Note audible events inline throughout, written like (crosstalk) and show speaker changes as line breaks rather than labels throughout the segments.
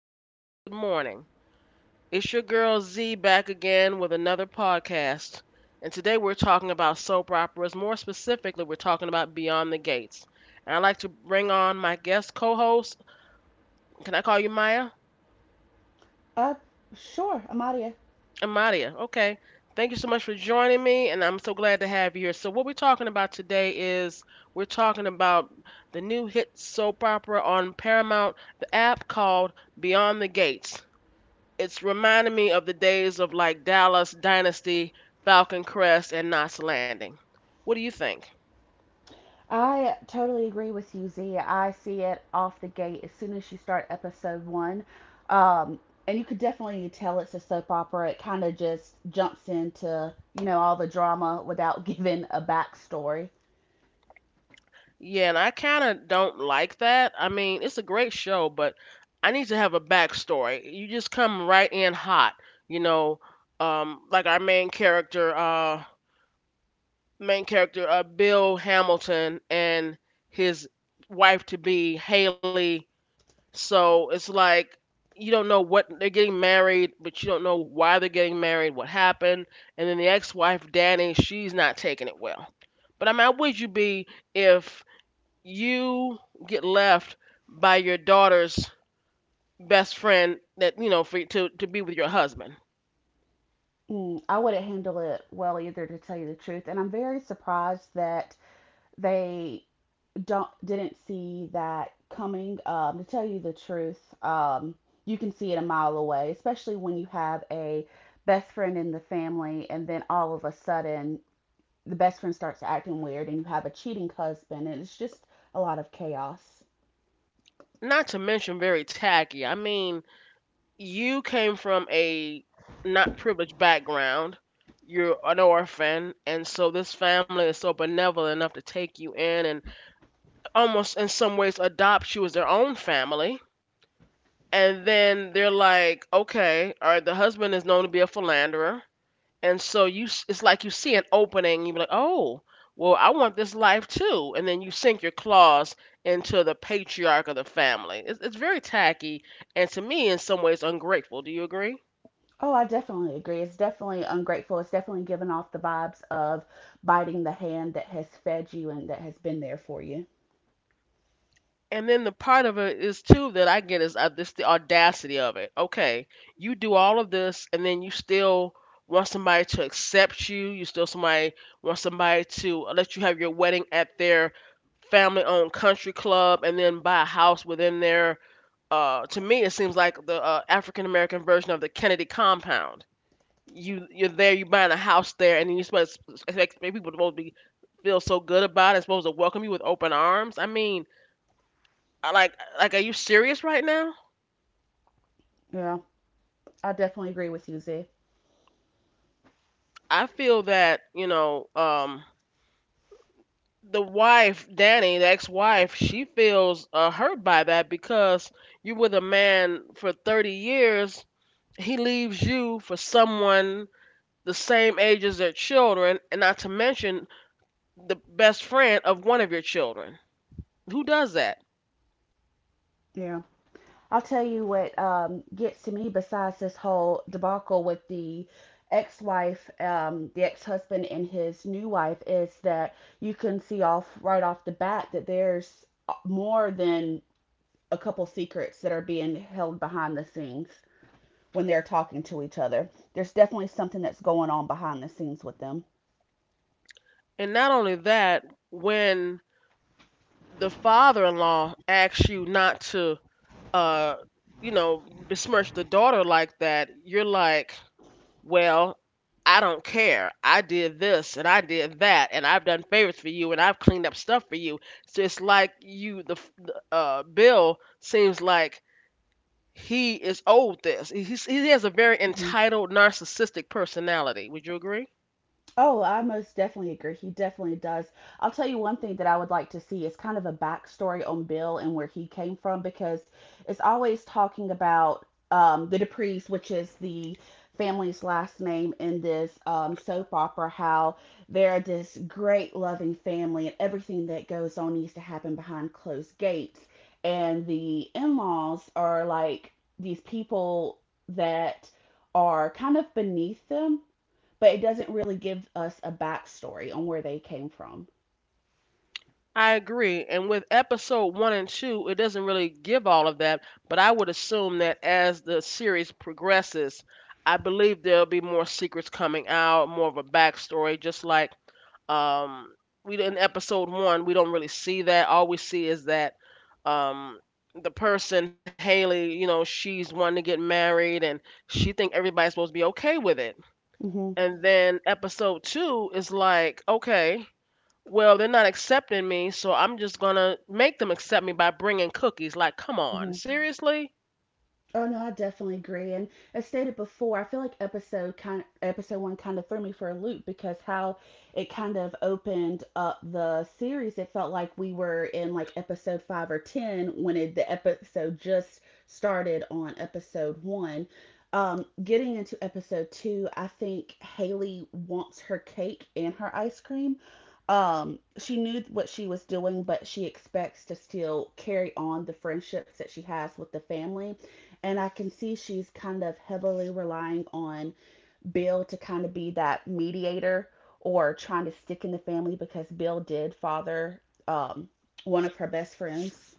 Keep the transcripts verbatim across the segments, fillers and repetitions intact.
some places, good morning. It's your girl Z back again with another podcast. And today we're talking about soap operas. More specifically, we're talking about Beyond the Gates. And I'd like to bring on my guest co host. Can I call you Maya?
Uh, sure, Amadia.
Amadia. Okay. Thank you so much for joining me, and I'm so glad to have you here. So, what we're talking about today is we're talking about the new hit soap opera on Paramount, the app called Beyond the Gates. It's reminding me of the days of like Dallas Dynasty, Falcon Crest, and Knots Landing. What do you think?
I totally agree with you, Z. I see it off the gate as soon as you start episode one. Um, and you could definitely tell it's a soap opera. It kind of just jumps into, you know, all the drama without (laughs) giving a backstory.
Yeah, and I kind of don't like that. I mean, it's a great show, but I need to have a backstory. You just come right in hot, you know, um, like our main character, uh, main character, uh, Bill Hamilton and his wife to be Haley. So it's like you don't know what they're getting married, but you don't know why they're getting married, what happened, and then the ex-wife Danny, she's not taking it well. But I mean, how would you be if you get left by your daughter's best friend that you know for to to be with your husband?
Mm, I wouldn't handle it well either, to tell you the truth. And I'm very surprised that they don't didn't see that coming. Um, to tell you the truth, um, you can see it a mile away, especially when you have a best friend in the family, and then all of a sudden the best friend starts acting weird, and you have a cheating husband, and it's just a lot of chaos.
Not to mention very tacky. I mean, you came from a not privileged background. You're an orphan, and so this family is so benevolent enough to take you in and almost in some ways adopts you as their own family. And then they're like, okay, all right, the husband is known to be a philanderer. And so you s- it's like you see an opening, you are like, "Oh, well, I want this life too." And then you sink your claws into the patriarch of the family. It's, it's very tacky and to me in some ways ungrateful. Do you agree?
Oh, I definitely agree. It's definitely ungrateful. It's definitely giving off the vibes of biting the hand that has fed you and that has been there for you.
And then the part of it is too that I get is, uh, this the audacity of it. Okay, you do all of this, and then you still want somebody to accept you. You still somebody want somebody to let you have your wedding at their family-owned country club, and then buy a house within their. Uh, to me, it seems like the uh, African American version of the Kennedy compound. You you're there, you buying a house there, and then you supposed to expect people to be feel so good about it, supposed to welcome you with open arms. I mean, I, like like, are you serious right now?
Yeah, I definitely agree with you, Z.
I feel that, you know, um the wife, Danny, the ex-wife, she feels uh, hurt by that because you were the man for thirty years, he leaves you for someone the same age as their children, and not to mention the best friend of one of your children. Who does that?
Yeah. I'll tell you what um, gets to me besides this whole debacle with the ex-wife, um, the ex-husband and his new wife is that you can see off right off the bat that there's more than a couple secrets that are being held behind the scenes when they're talking to each other. There's definitely something that's going on behind the scenes with them.
And not only that, when the father-in-law asks you not to uh you know besmirch the daughter like that, you're like, well, I don't care, I did this and I did that and I've done favors for you and I've cleaned up stuff for you. So it's like you, the f- the, uh Bill seems like he is owed this. He's, he has a very
Mm-hmm.
entitled, narcissistic personality. Would you agree?
Oh, I most definitely agree. He definitely does. I'll tell you one thing that I would like to see is kind of a backstory on Bill and where he came from because it's always talking about um, the Duprees, which is the family's last name in this um, soap opera, how they're this great loving family and everything that goes on needs to happen behind closed gates. And the in laws are like these people that are kind of beneath them, but it doesn't really give us a backstory on where they came from.
I agree. And with episode one and two, it doesn't really give all of that, but I would assume that as the series progresses, I believe there'll be more secrets coming out, more of a backstory. Just like, um we, in episode one, we don't really see that. All we see is that, um the person, Haley, you know, she's wanting to get married and she think everybody's supposed to be okay with it.
Mm-hmm.
And then episode two is like, okay, well, they're not accepting me, so I'm just gonna make them accept me by bringing cookies. Like, come on,
Mm-hmm.
seriously?
Oh no, I definitely agree. And as stated before, I feel like episode kind episode one kind of threw me for a loop because how it kind of opened up the series. It felt like we were in like episode five or ten when it, the episode just started on episode one. Um, getting into episode two, I think Haley wants her cake and her ice cream. Um, she knew what she was doing, but she expects to still carry on the friendships that she has with the family. And I can see she's kind of heavily relying on Bill to kind of be that mediator or trying to stick in the family because Bill did father um, one of her best friends.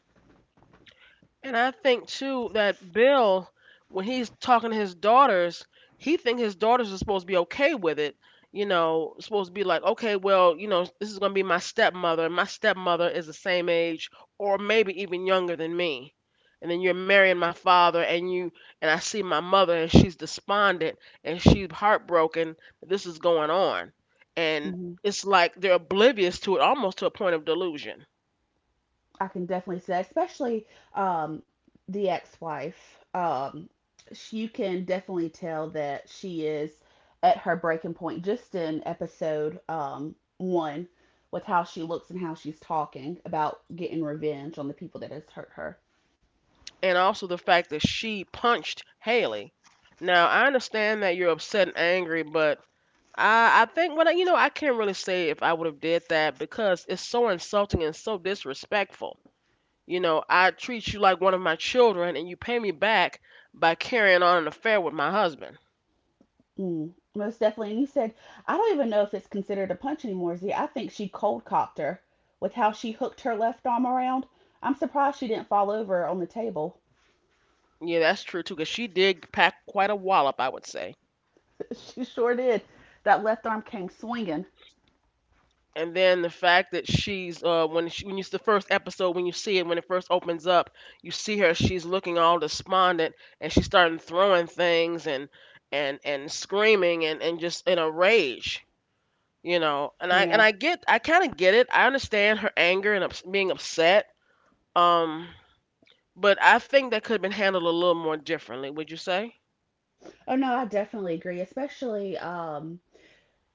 And I think too that Bill, when he's talking to his daughters, he think his daughters are supposed to be okay with it. You know, supposed to be like, okay, well, you know, this is gonna be my stepmother. My stepmother is the same age, or maybe even younger than me. And then you're marrying my father, and you — and I see my mother, and she's despondent, and she's heartbroken that this is going on, and
Mhm.
it's like they're oblivious to it, almost to a point of delusion.
I can definitely see that, especially um, the ex wife. Um, sh- you can definitely tell that she is at her breaking point just in episode um, one with how she looks and how she's talking about getting revenge on the people that has hurt her.
And also the fact that she punched Haley. Now, I understand that you're upset and angry, but I I think, well, you know, I can't really say if I would have did that because it's so insulting and so disrespectful. You know, I treat you like one of my children and you pay me back by carrying on an affair with my husband.
Mm, most definitely. And he said, I don't even know if it's considered a punch anymore, Z. I think she cold cocked her with how she hooked her left arm around. I'm surprised she didn't fall over on the table.
Yeah, that's true too, 'cause she did pack quite a wallop, I would say.
(laughs) She sure did. That left arm came swinging.
And then the fact that she's, uh, when she, when you the first episode when you see it when it first opens up, you see her, she's looking all despondent, and she's starting throwing things, and and and screaming, and and just in a rage, you know and I
Yeah.
and I get — I kind of get it, I understand her anger and, ups, being upset, um but I think that could have been handled a little more differently. Would you say
Oh, no, I definitely agree. Especially, um,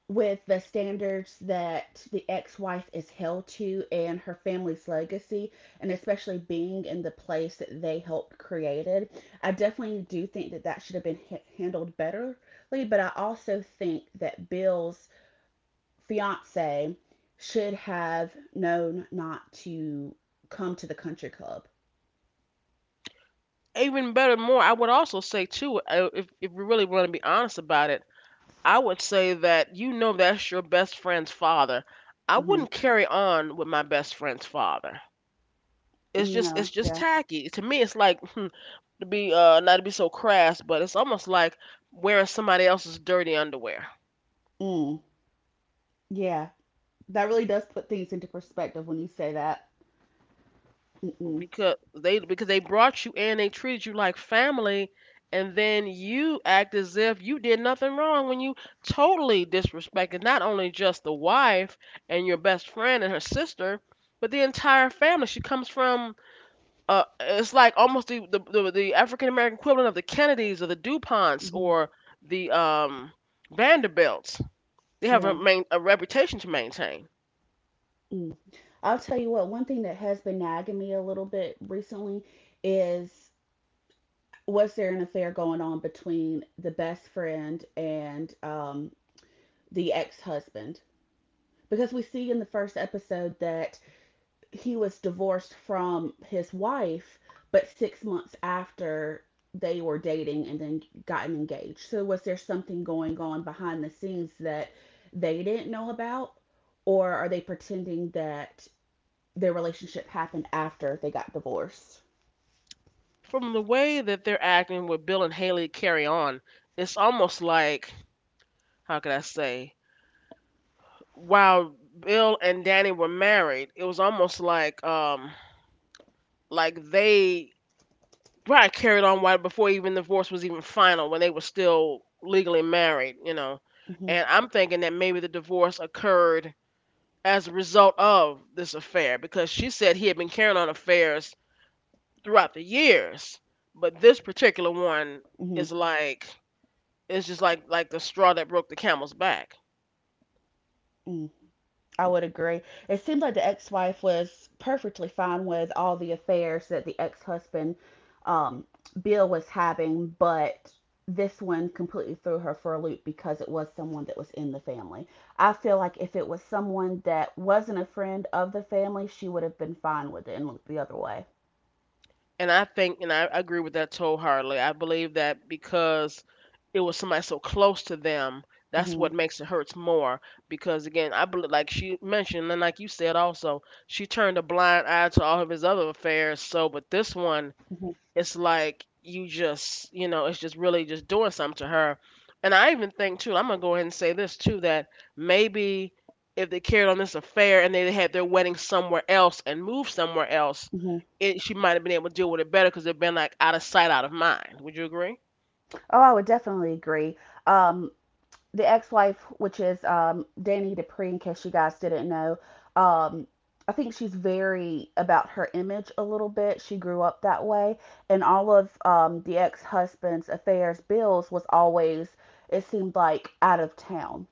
with the standards that the ex-wife is held to and her family's legacy, and especially being in the place that they helped created. I definitely do think that that should have been ha- handled betterly, but I also think that Bill's fiance should have known not to come to the country club.
even better more? I would also say too, uh, if if we really want to be honest about it, I would say that, you know, that's your best friend's father. I
Hmm.
wouldn't carry on with my best friend's father. It's just
No,
it's just
yeah.
tacky. To me it's like (laughs) to be uh not to be so crass, but it's almost like wearing somebody else's dirty underwear.
Mm. Yeah, that really does put things into perspective when you say that. Mm-mm.
Because they because they brought you in, they treated you like family, and then you act as if you did nothing wrong when you totally disrespected not only just the wife and your best friend and her sister, but the entire family. She comes from — Uh, it's like almost the the, the, the African American equivalent of the Kennedys or the Duponts
Hmm.
or the um, Vanderbilts. They have a,
Yeah.
main, a reputation to maintain.
Mm. I'll tell you what, one thing that has been nagging me a little bit recently is, was there an affair going on between the best friend and um, the ex husband? Because we see in the first episode that he was divorced from his wife, but six months after they were dating and then gotten engaged. So, was there something going on behind the scenes that they didn't know about? Or are they pretending that their relationship happened after they got divorced?
From the way that they're acting with Bill and Haley carry on, it's almost like — how could I say? While Bill and Danny were married, it was almost like, um, like they — right, carried on while before even the divorce was even final, when they were still legally married, you know.
Hmm.
And I'm thinking that maybe the divorce occurred as a result of this affair because she said he had been carrying on affairs throughout the years, but this particular
Hmm.
one is like, it's just like like the straw that broke the camel's back.
Mm. I would agree. It seemed like the ex-wife was perfectly fine with all the affairs that the ex-husband, um, Bill, was having, but this one completely threw her for a loop because it was someone that was in the family. I feel like if it was someone that wasn't a friend of the family, she would have been fine with it and looked the other way.
And I think, and I agree with that wholeheartedly. I believe that because it was somebody so close to them, that's what
Hmm.
makes it hurts more. Because again, I believe, like she mentioned, and like you said also, she turned a blind eye to all of his other affairs. So, but this one,
Hmm.
it's like you just you know it's just really just doing something to her. And I even think too, I'm gonna go ahead and say this too, that maybe if they carried on this affair and they had their wedding somewhere else and moved somewhere else,
Hmm.
it, she might have been able to deal with it better because they've been like out of sight out of mind. Would you agree?
Oh, I would definitely agree. Um, the ex-wife, which is um, Danny Dupree, in case you guys didn't know, um, I think she's very about her image a little bit. She grew up that way, and all of um, the ex-husband's affairs, Bill's, was always, it seemed like, out of town.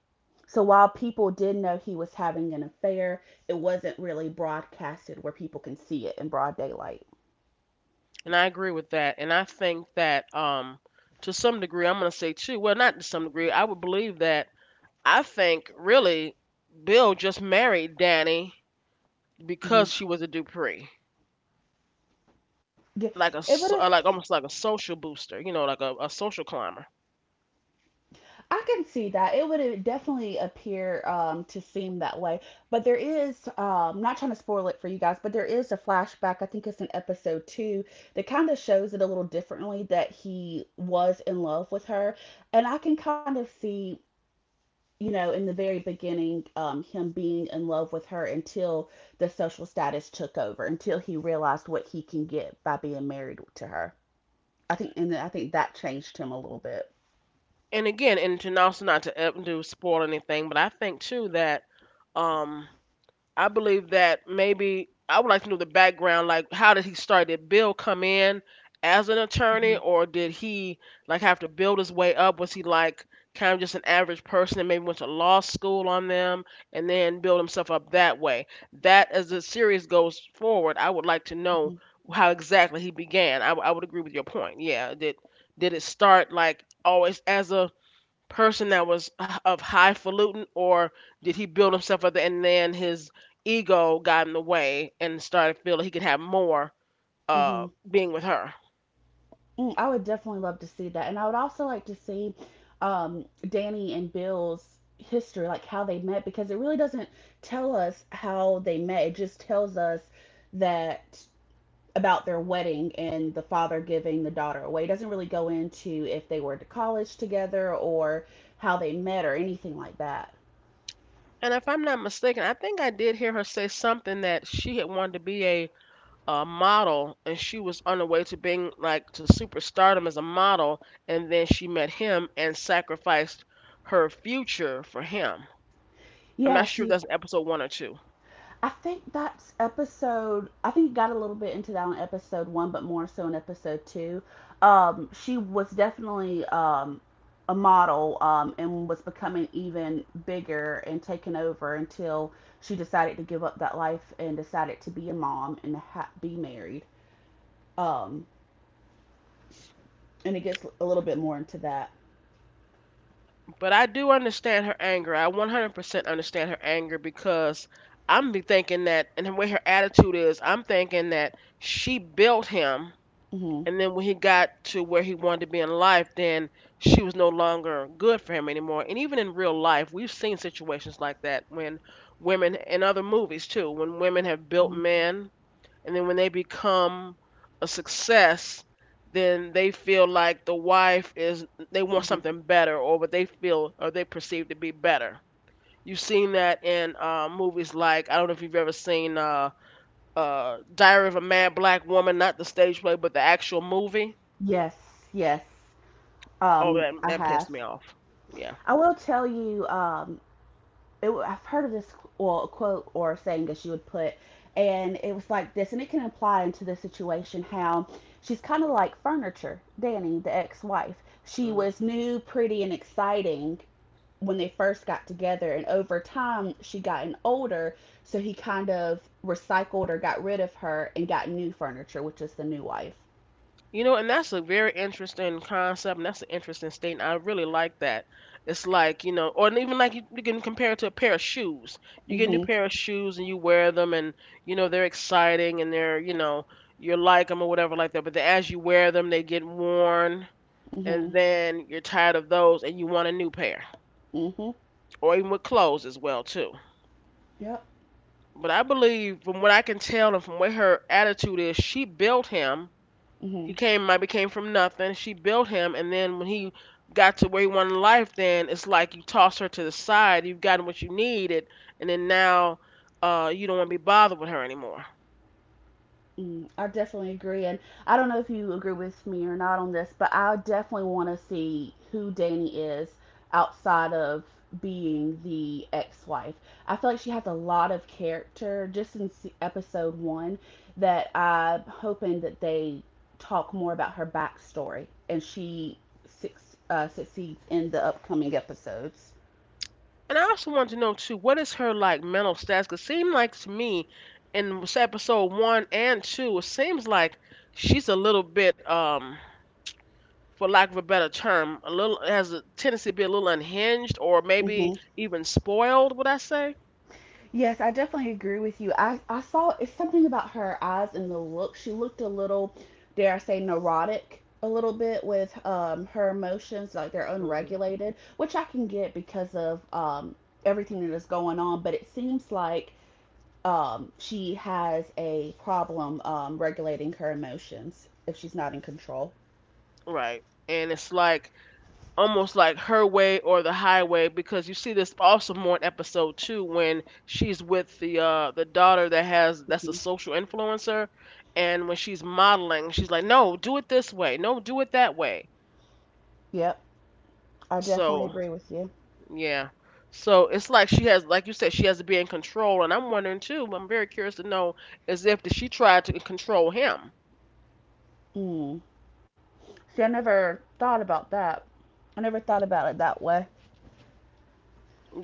So while people did know he was having an affair, it wasn't really broadcasted where people can see it in broad daylight.
And I agree with that, and I think that, um to some degree — I'm gonna say too, well, not to some degree — I would believe that, I think really, Bill just married Danny
Mm-hmm.
because she was a Dupree,
Yeah,
like a
it
s-
would have
uh, like almost like a social booster, you know, like a, a social climber.
I can see that. It would definitely appear um, to seem that way. But there is, um, not trying to spoil it for you guys, but there is a flashback. I think it's in episode two that kind of shows it a little differently, that he was in love with her. And I can kind of see, you know, in the very beginning, um, him being in love with her until the social status took over, until he realized what he can get by being married to her. I think, and I think that changed him a little bit.
And again, and to also not to uh, do spoil anything, but I think too that, um I believe that maybe I would like to know the background, like, how did he start? Did Bill come in as an attorney,
Hmm.
or did he like have to build his way up? Was he like kind of just an average person and maybe went to law school on them and then build himself up that way? That, as the series goes forward, I would like to know how exactly he began. I, w- I would agree with your point. Yeah, did did it start like always as a person that was h- of highfalutin, or did he build himself up and then his ego got in the way and started feeling he could have more, uh,
Hmm.
being with her?
Mm, I would definitely love to see that. And I would also like to see um, Danny and Bill's history, like how they met, because it really doesn't tell us how they met. It just tells us that about their wedding and the father giving the daughter away. It doesn't really go into if they were to college together or how they met or anything like that.
And if I'm not mistaken, I think I did hear her say something that she had wanted to be a, uh model, and she was on the way to being like to superstardom as a model, and then she met him and sacrificed her future for him. I'm not
Yes,
sure if that's in episode one or two.
I think that's episode. I think you got a little bit into that on episode one, but more so in episode two. Um, she was definitely um, a model um, and was becoming even bigger and taking over until she decided to give up that life and decided to be a mom and ha- be married. Um, and it gets a little bit more into that.
But I do understand her anger. I one hundred percent understand her anger because I'm be thinking that, and the way her attitude is, I'm thinking that she built him,
Hmm.
and then when he got to where he wanted to be in life, then she was no longer good for him anymore. And even in real life, we've seen situations like that when women, in other movies too, when women have built
Hmm.
men, and then when they become a success, then they feel like the wife is, they want
Hmm.
something better, or what they feel or they perceive to be better. You've seen that in uh, movies like, I don't know if you've ever seen uh, uh, Diary of a Mad Black Woman, not the stage play but the actual movie.
Yes, yes.
Oh,
Um,
that,
I
that
have.
pissed me off. Yeah.
I will tell you. Um, it, I've heard of this well quote or saying that she would put, and it was like this, and it can apply into this situation how she's kind of like furniture. Danny, the ex-wife, she
Mhm.
was new, pretty, and exciting when they first got together, and over time she gotten older, so he kind of recycled or got rid of her and got new furniture, which is the new wife.
You know, and that's a very interesting concept, and that's an interesting statement. I really like that. It's like, you know, or even like, you, you can compare it to a pair of shoes. You get a new
Mhm.
pair of shoes and you wear them, and, you know, they're exciting and they're, you know, you like them or whatever like that. But then as you wear them, they get worn,
Mhm.
and then you're tired of those and you want a new pair,
Mhm.
or even with clothes as well, too.
Yep.
But I believe, from what I can tell and from what her attitude is, she built him. He
Mhm.
came, maybe came from nothing. She built him, and then when he got to where he wanted life, then it's like you toss her to the side. You've gotten what you needed, and then now uh, you don't want to be bothered with her anymore.
Mm, I definitely agree, and I don't know if you agree with me or not on this, but I definitely want to see who Danny is outside of being the ex-wife. I feel like she has a lot of character just in se- episode one, that I'm hoping that they talk more about her backstory and she suc uh, succeeds in the upcoming episodes.
And I also want to know too, what is her like mental status? 'Cause it seemed like to me in episode one and two, it seems like she's a little bit, um, for lack of a better term, a little, has a tendency to be a little unhinged or maybe even spoiled. Would I say?
Yes, I definitely agree with you. I, I saw it's something about her eyes and the look. She looked a little, dare I say, neurotic a little bit with um, her emotions, like they're
Hmm.
unregulated, which I can get because of um, everything that is going on. But it seems like um, she has a problem um, regulating her emotions if she's not in control.
Right. And it's like almost like her way or the highway, because you see this also more in episode two when she's with the uh the daughter that has, that's a
Mhm.
social influencer, and when she's modeling she's like, no, do it this way, no, do it that way.
Yep, I definitely
So,
agree with you.
yeah, so it's like she has, like you said, she has to be in control. And I'm wondering too, I'm very curious to know, is if did she tried to control him,
Mm. See, I never thought about that. I never thought about it that way.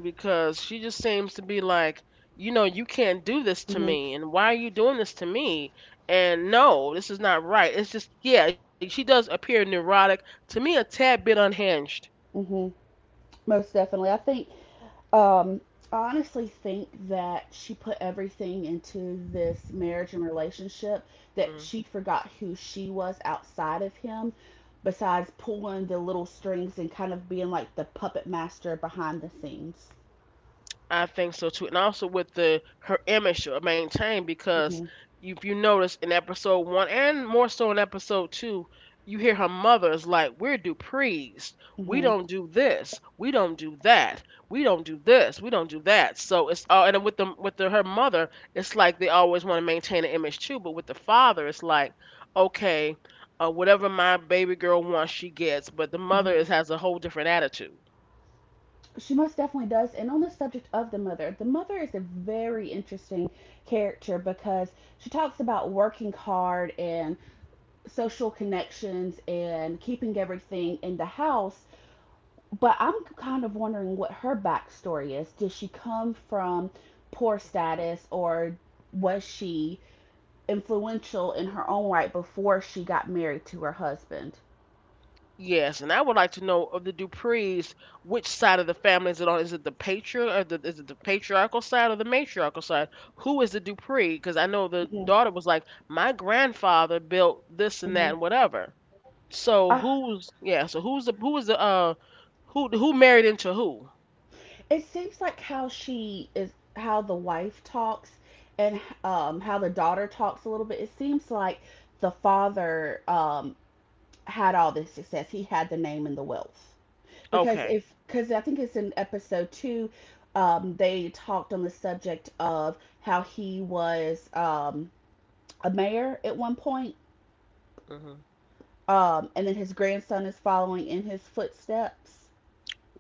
because she just seems to be like, you know, you can't do this to me, and why are you doing this to me? And no, this is not right. It's just, yeah, she does appear neurotic to me, a tad bit unhinged.
Hmm. Most definitely. I think, um, I honestly think that she put everything into this marriage and relationship that
Mm.
she forgot who she was outside of him, besides pulling the little strings and kind of being like the puppet master behind the scenes.
I think so too, and also with the, her image should maintain. Because
Hmm.
you, if you notice in episode one and more so in episode two, you hear her mother is like, "We're Duprees. We
Hmm.
don't do this. We don't do that. We don't do this. We don't do that." So it's all, and with the with the, her mother, it's like they always want to maintain an image too. But with the father, it's like, okay, uh, whatever my baby girl wants, she gets. But the mother
Hmm.
is, has a whole different attitude.
She most definitely does. And on the subject of the mother, the mother is a very interesting character because she talks about working hard and social connections and keeping everything in the house. But I'm kind of wondering what her backstory is. Did she come from poor status, or was she influential in her own right before she got married to her husband?
Yes, and I would like to know, of the Duprees, which side of the family is it on? Is it the patriarch, or the, is it the patriarchal side or the matriarchal side? Who is the Dupree? Because I know the
Mm-hmm.
daughter was like, my grandfather built this and that
Mm-hmm.
and whatever. So
Uh,
who's, yeah? So who's the, who is the uh who who married into who?
it seems like how she is, how the wife talks and um, how the daughter talks a little bit. It seems like the father, um, had all this success, he had the name and the wealth. Because
Okay.
if because I think it's in episode two. Um, they talked on the subject of how he was um, a mayor at one point,
Hmm.
um, and then his grandson is following in his footsteps.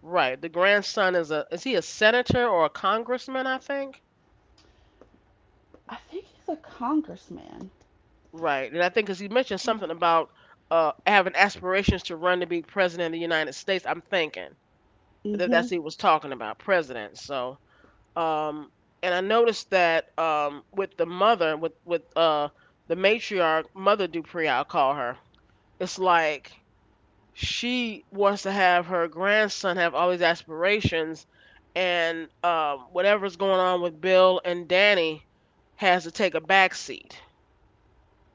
Right. The grandson is a, is he a senator or a congressman? I think.
I think he's a congressman.
Right, and I think because he mentioned something about uh having aspirations to run to be president of the United States. I'm thinking that
Mm-hmm.
that's what he was talking about, president. So, um, and I noticed that um with the mother, with with uh the matriarch, Mother Dupree, I'll call her. It's like she wants to have her grandson have all these aspirations, and um whatever's going on with Bill and Danny has to take a back seat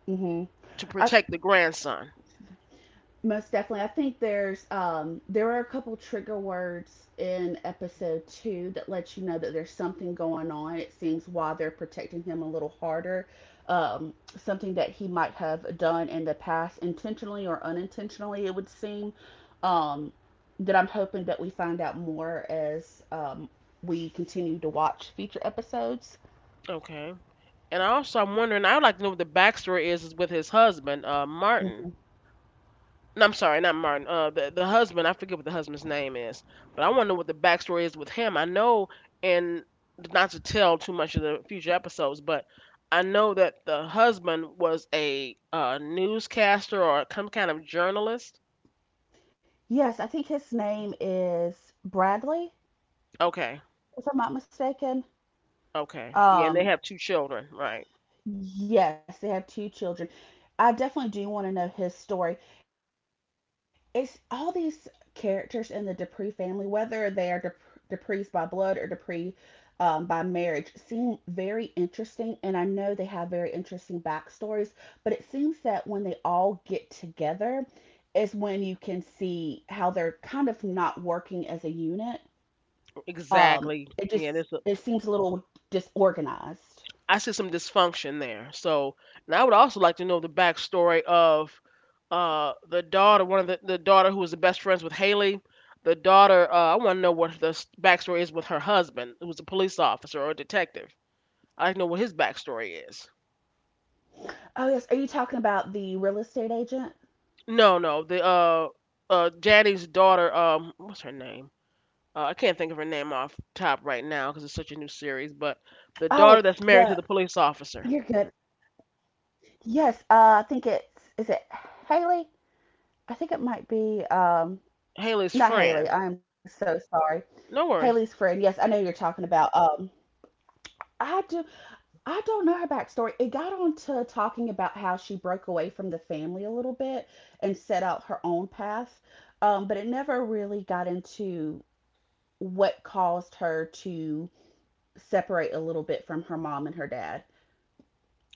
Mm-hmm.
to
I,
protect the grandson.
Most definitely. I think there's um there are a couple trigger words in episode two that lets you know that there's something going on. It seems why they're protecting him a little harder. Um, something that he might have done in the past, intentionally or unintentionally, it would seem. Um, that I'm hoping that we find out more as um we continue to watch future episodes.
Okay. And also, I'm wondering. I would like to know what the backstory is, is with his husband, uh, Martin.
Hmm.
No, I'm sorry, not Martin. Uh, the the husband. I forget what the husband's name is, but I want to know what the backstory is with him. I know, and not to tell too much of the future episodes, but I know that the husband was a uh, newscaster or some kind of journalist.
Yes, I think his name is Bradley,
Okay,
if I'm not mistaken.
okay, yeah, and they
Um
have two children, right?
Yes, they have two children. I definitely do want to know his story. It's all these characters in the Dupree family, whether they are Dup- Dupree's by blood or Dupree um, by marriage, seem very interesting. And I know they have very interesting backstories, but it seems that when they all get together is when you can see how they're kind of not working as a unit.
Exactly.
Um,
Yeah,
it
this,
just it seems a little
I
disorganized.
see some dysfunction there. So, and I would also like to know the backstory of uh the daughter, one of the, the daughter who was the best friends with Haley. The daughter, uh, I want to know what the s- backstory is with her husband, who was a police officer or a detective. I like to know what his backstory is.
Oh yes, are you talking about the real estate agent?
No, no, the uh, uh, Janie's daughter, um, what's her name? Uh, I can't think of her name off top right now because it's such a new series. But the
Oh,
daughter that's
the
married to the police officer,
You're good. Yes, uh, I think it's is it Haley? I think it might be um
Haley's
not
friend.
Haley. I am so sorry.
No
Haley's
worries,
friend. Yes, I know who you're talking about. Um, I do. I don't know her backstory. It got on to talking about how she broke away from the family a little bit and set out her own path. Um, but it never really got into what caused her to separate a little bit from her mom and her dad.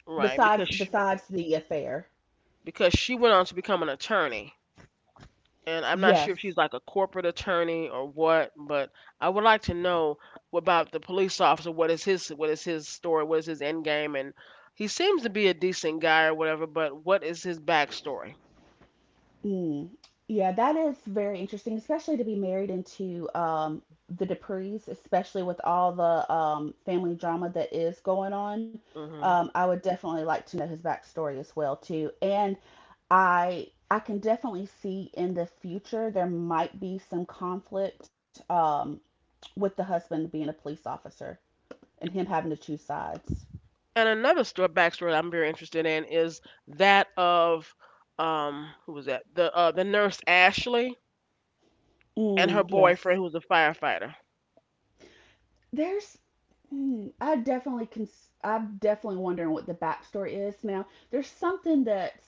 right?
Besides,
Because
besides the affair,
because she went on to become an attorney. And I'm not sure if she's
yes.
like a corporate attorney or what, but I would like to know about the police officer. What is his, what is his story? What is his end game? And he seems to be a decent guy or whatever, but what is his backstory?
Mm. Yeah, that is very interesting, especially to be married into um, the Duprees, especially with all the um, family drama that is going on.
Hmm.
Um, I would definitely like to know his backstory as well too, and I I can definitely see in the future there might be some conflict um, with the husband being a police officer and him having to choose sides.
And another story, backstory I'm very interested in is that of um who was that, the uh, the nurse Ashley and her
Mm, yes.
boyfriend who's a firefighter.
there's mm, I definitely can I'm definitely wondering what the backstory is now. There's something that's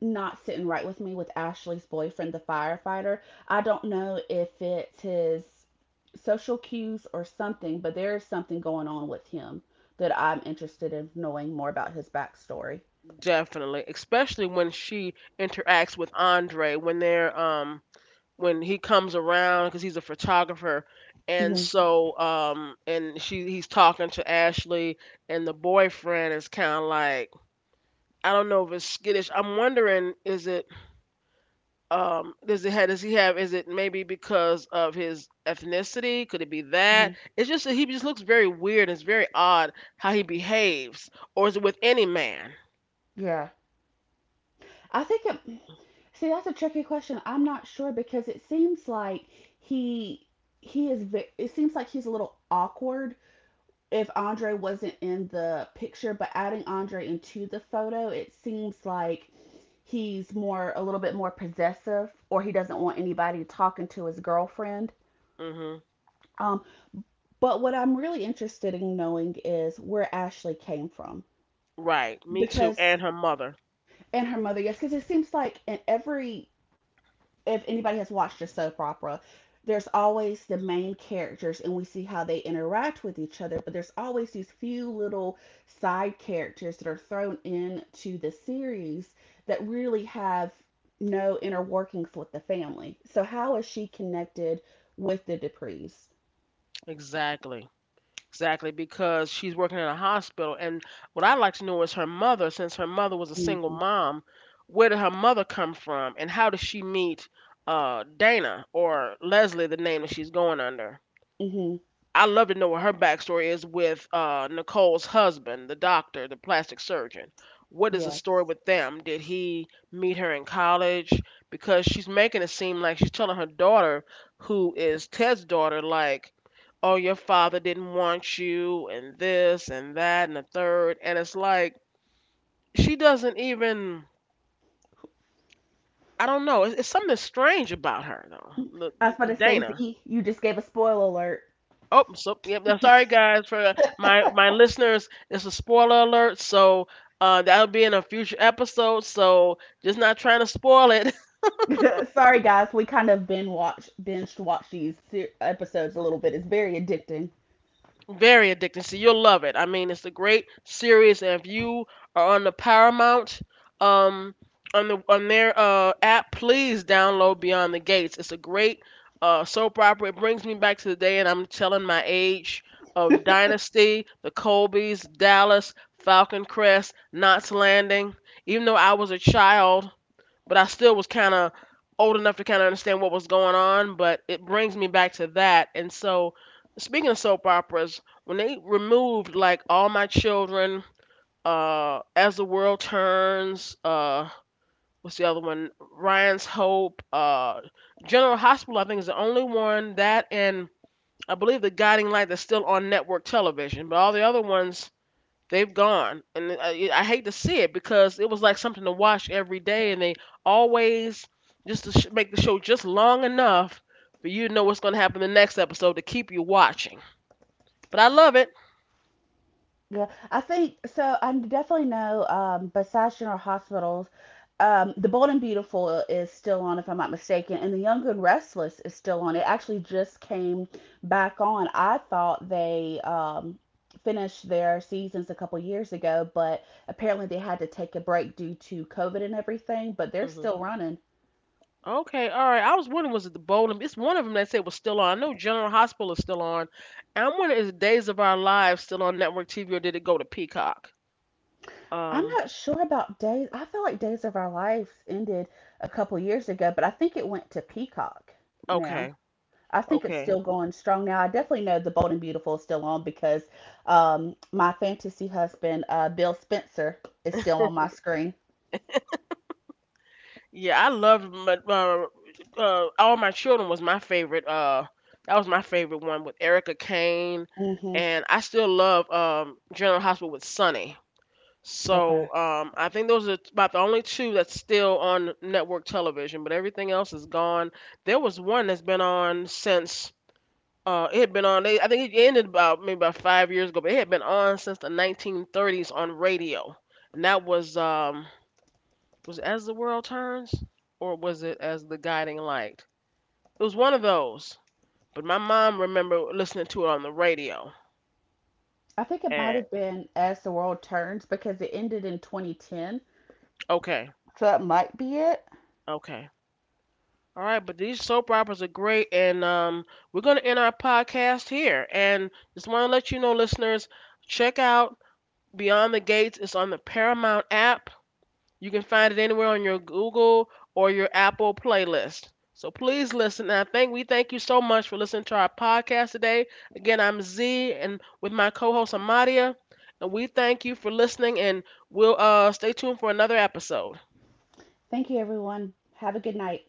not sitting right with me with Ashley's boyfriend, the firefighter. I don't know if it's his social cues or something, but there is something going on with him that I'm interested in knowing more about his backstory.
Definitely, especially when she interacts with Andre when they're um when he comes around because he's a photographer, and
Hmm.
so um and she, he's talking to Ashley, and the boyfriend is kind of like, I don't know if it's skittish. I'm wondering, is it, um does it have, does he have, is it maybe because of his ethnicity, could it be that
Hmm.
it's just that he just looks very weird, it's very odd how he behaves, or is it with any man?
Yeah. I think it. See, that's a tricky question. I'm not sure because it seems like he he is. It seems like he's a little awkward if Andre wasn't in the picture, but adding Andre into the photo, it seems like he's more a little bit more possessive, or he doesn't want anybody talking to his girlfriend.
Hmm.
Um, but what I'm really interested in knowing is where Ashley came from
Right, me too,
because
and her mother.
and her mother, yes, because it seems like in every if anybody has watched a soap opera, there's always the main characters and we see how they interact with each other, but there's always these few little side characters that are thrown into the series that really have no inner workings with the family. So how is she connected with the Duprees?
Exactly. Exactly, because she's working in a hospital. And what I'd like to know is her mother, since her mother was a single
Mm-hmm.
mom, where did her mother come from, and how did she meet uh, Dana, or Leslie, the name that she's going under?
Mm-hmm.
I love to know what her backstory is with uh, Nicole's husband, the doctor, the plastic surgeon. What is the
Yes.
story with them? Did he meet her in college? Because she's making it seem like she's telling her daughter, who is Ted's daughter, like, oh, your father didn't want you, and this, and that, and the third. And it's like, she doesn't even, I don't know. It's, it's something strange about her, though, the,
I was about
the
to say,
Dana.
Z, you just gave a spoiler
Oh, so yep. I'm sorry, guys, for my, my listeners. It's a spoiler alert, so uh, that'll be in a future episode. So just not trying to spoil it.
alert. (laughs) Sorry, guys. We kind of binge watch, binge watch these se- episodes a little bit. It's very addicting.
Very addicting. So you'll love it. I mean, it's a great series, and if you are on the Paramount, um, on the, on their uh app, please download Beyond the Gates. It's a great uh soap opera. It brings me back to the day, and I'm telling my age, of Dynasty, the Colbys, Dallas, Falcon Crest, Knots Landing. Even though I was a child, but I still was kind of old enough to kind of understand what was going on. But it brings me back to that. And so, speaking of soap operas, when they removed like All My Children, uh, As the World Turns, uh, what's the other one? Ryan's Hope, uh, General Hospital, I think is the only one that, and I believe the Guiding Light, that's still on network television. But all the other ones, they've gone, and I, I hate to see it, because it was like something to watch every day, and they always, just to sh- make the show just long enough for you to know what's going to happen in the next episode to keep you watching. But I love it.
Yeah, I think so. I definitely know, um, besides general hospitals, um, The Bold and Beautiful is still on, if I'm not mistaken, and The Young and Restless is still on. It actually just came back on. I thought they um, finished their seasons a couple years ago, but apparently they had to take a break due to COVID and everything, but they're
Hmm.
still running.
Okay, all right. I was wondering, was it the Bowling? It's one of them that said was still on. I know General Hospital is still on. And I'm wondering, is Days of Our Lives still on network T V, or did it go to Peacock?
I'm
Um,
not sure about Days. I feel like Days of Our Lives ended a couple years ago, but I think it went to Peacock now.
okay,
I think it's
okay.
still going strong now. I definitely know the Bold and Beautiful is still on because um, my fantasy husband, uh, Bill Spencer, is still on my screen.
Yeah, I loved my, uh, uh, All My Children was my favorite. Uh, that was my favorite one, with Erica Kane,
Hmm.
and I still love um General Hospital with Sonny.
Okay.
So um, I think those are about the only two that's still on network television, but everything else is gone. There was one that's been on since uh, it had been on. They, I think it ended about maybe about five years ago, but it had been on since the nineteen thirties on radio, and that was um, was it As the World Turns, or was it As the Guiding Light? It was one of those. But my mom remember listening to it on the radio.
I think it might
And
have been As the World Turns because it ended in two thousand ten.
okay,
So that might be it.
okay. All right, but these soap operas are great, and um, we're gonna end our podcast here. And just want to let you know, listeners, check out Beyond the Gates. It's on the Paramount app. You can find it anywhere on your Google or your Apple playlist. So please listen. And I think we thank you so much for listening to our podcast today. Again, I'm Z, and with my co-host Amadia, and we thank you for listening. And we'll uh, stay tuned for another episode.
Thank you, everyone. Have a good night.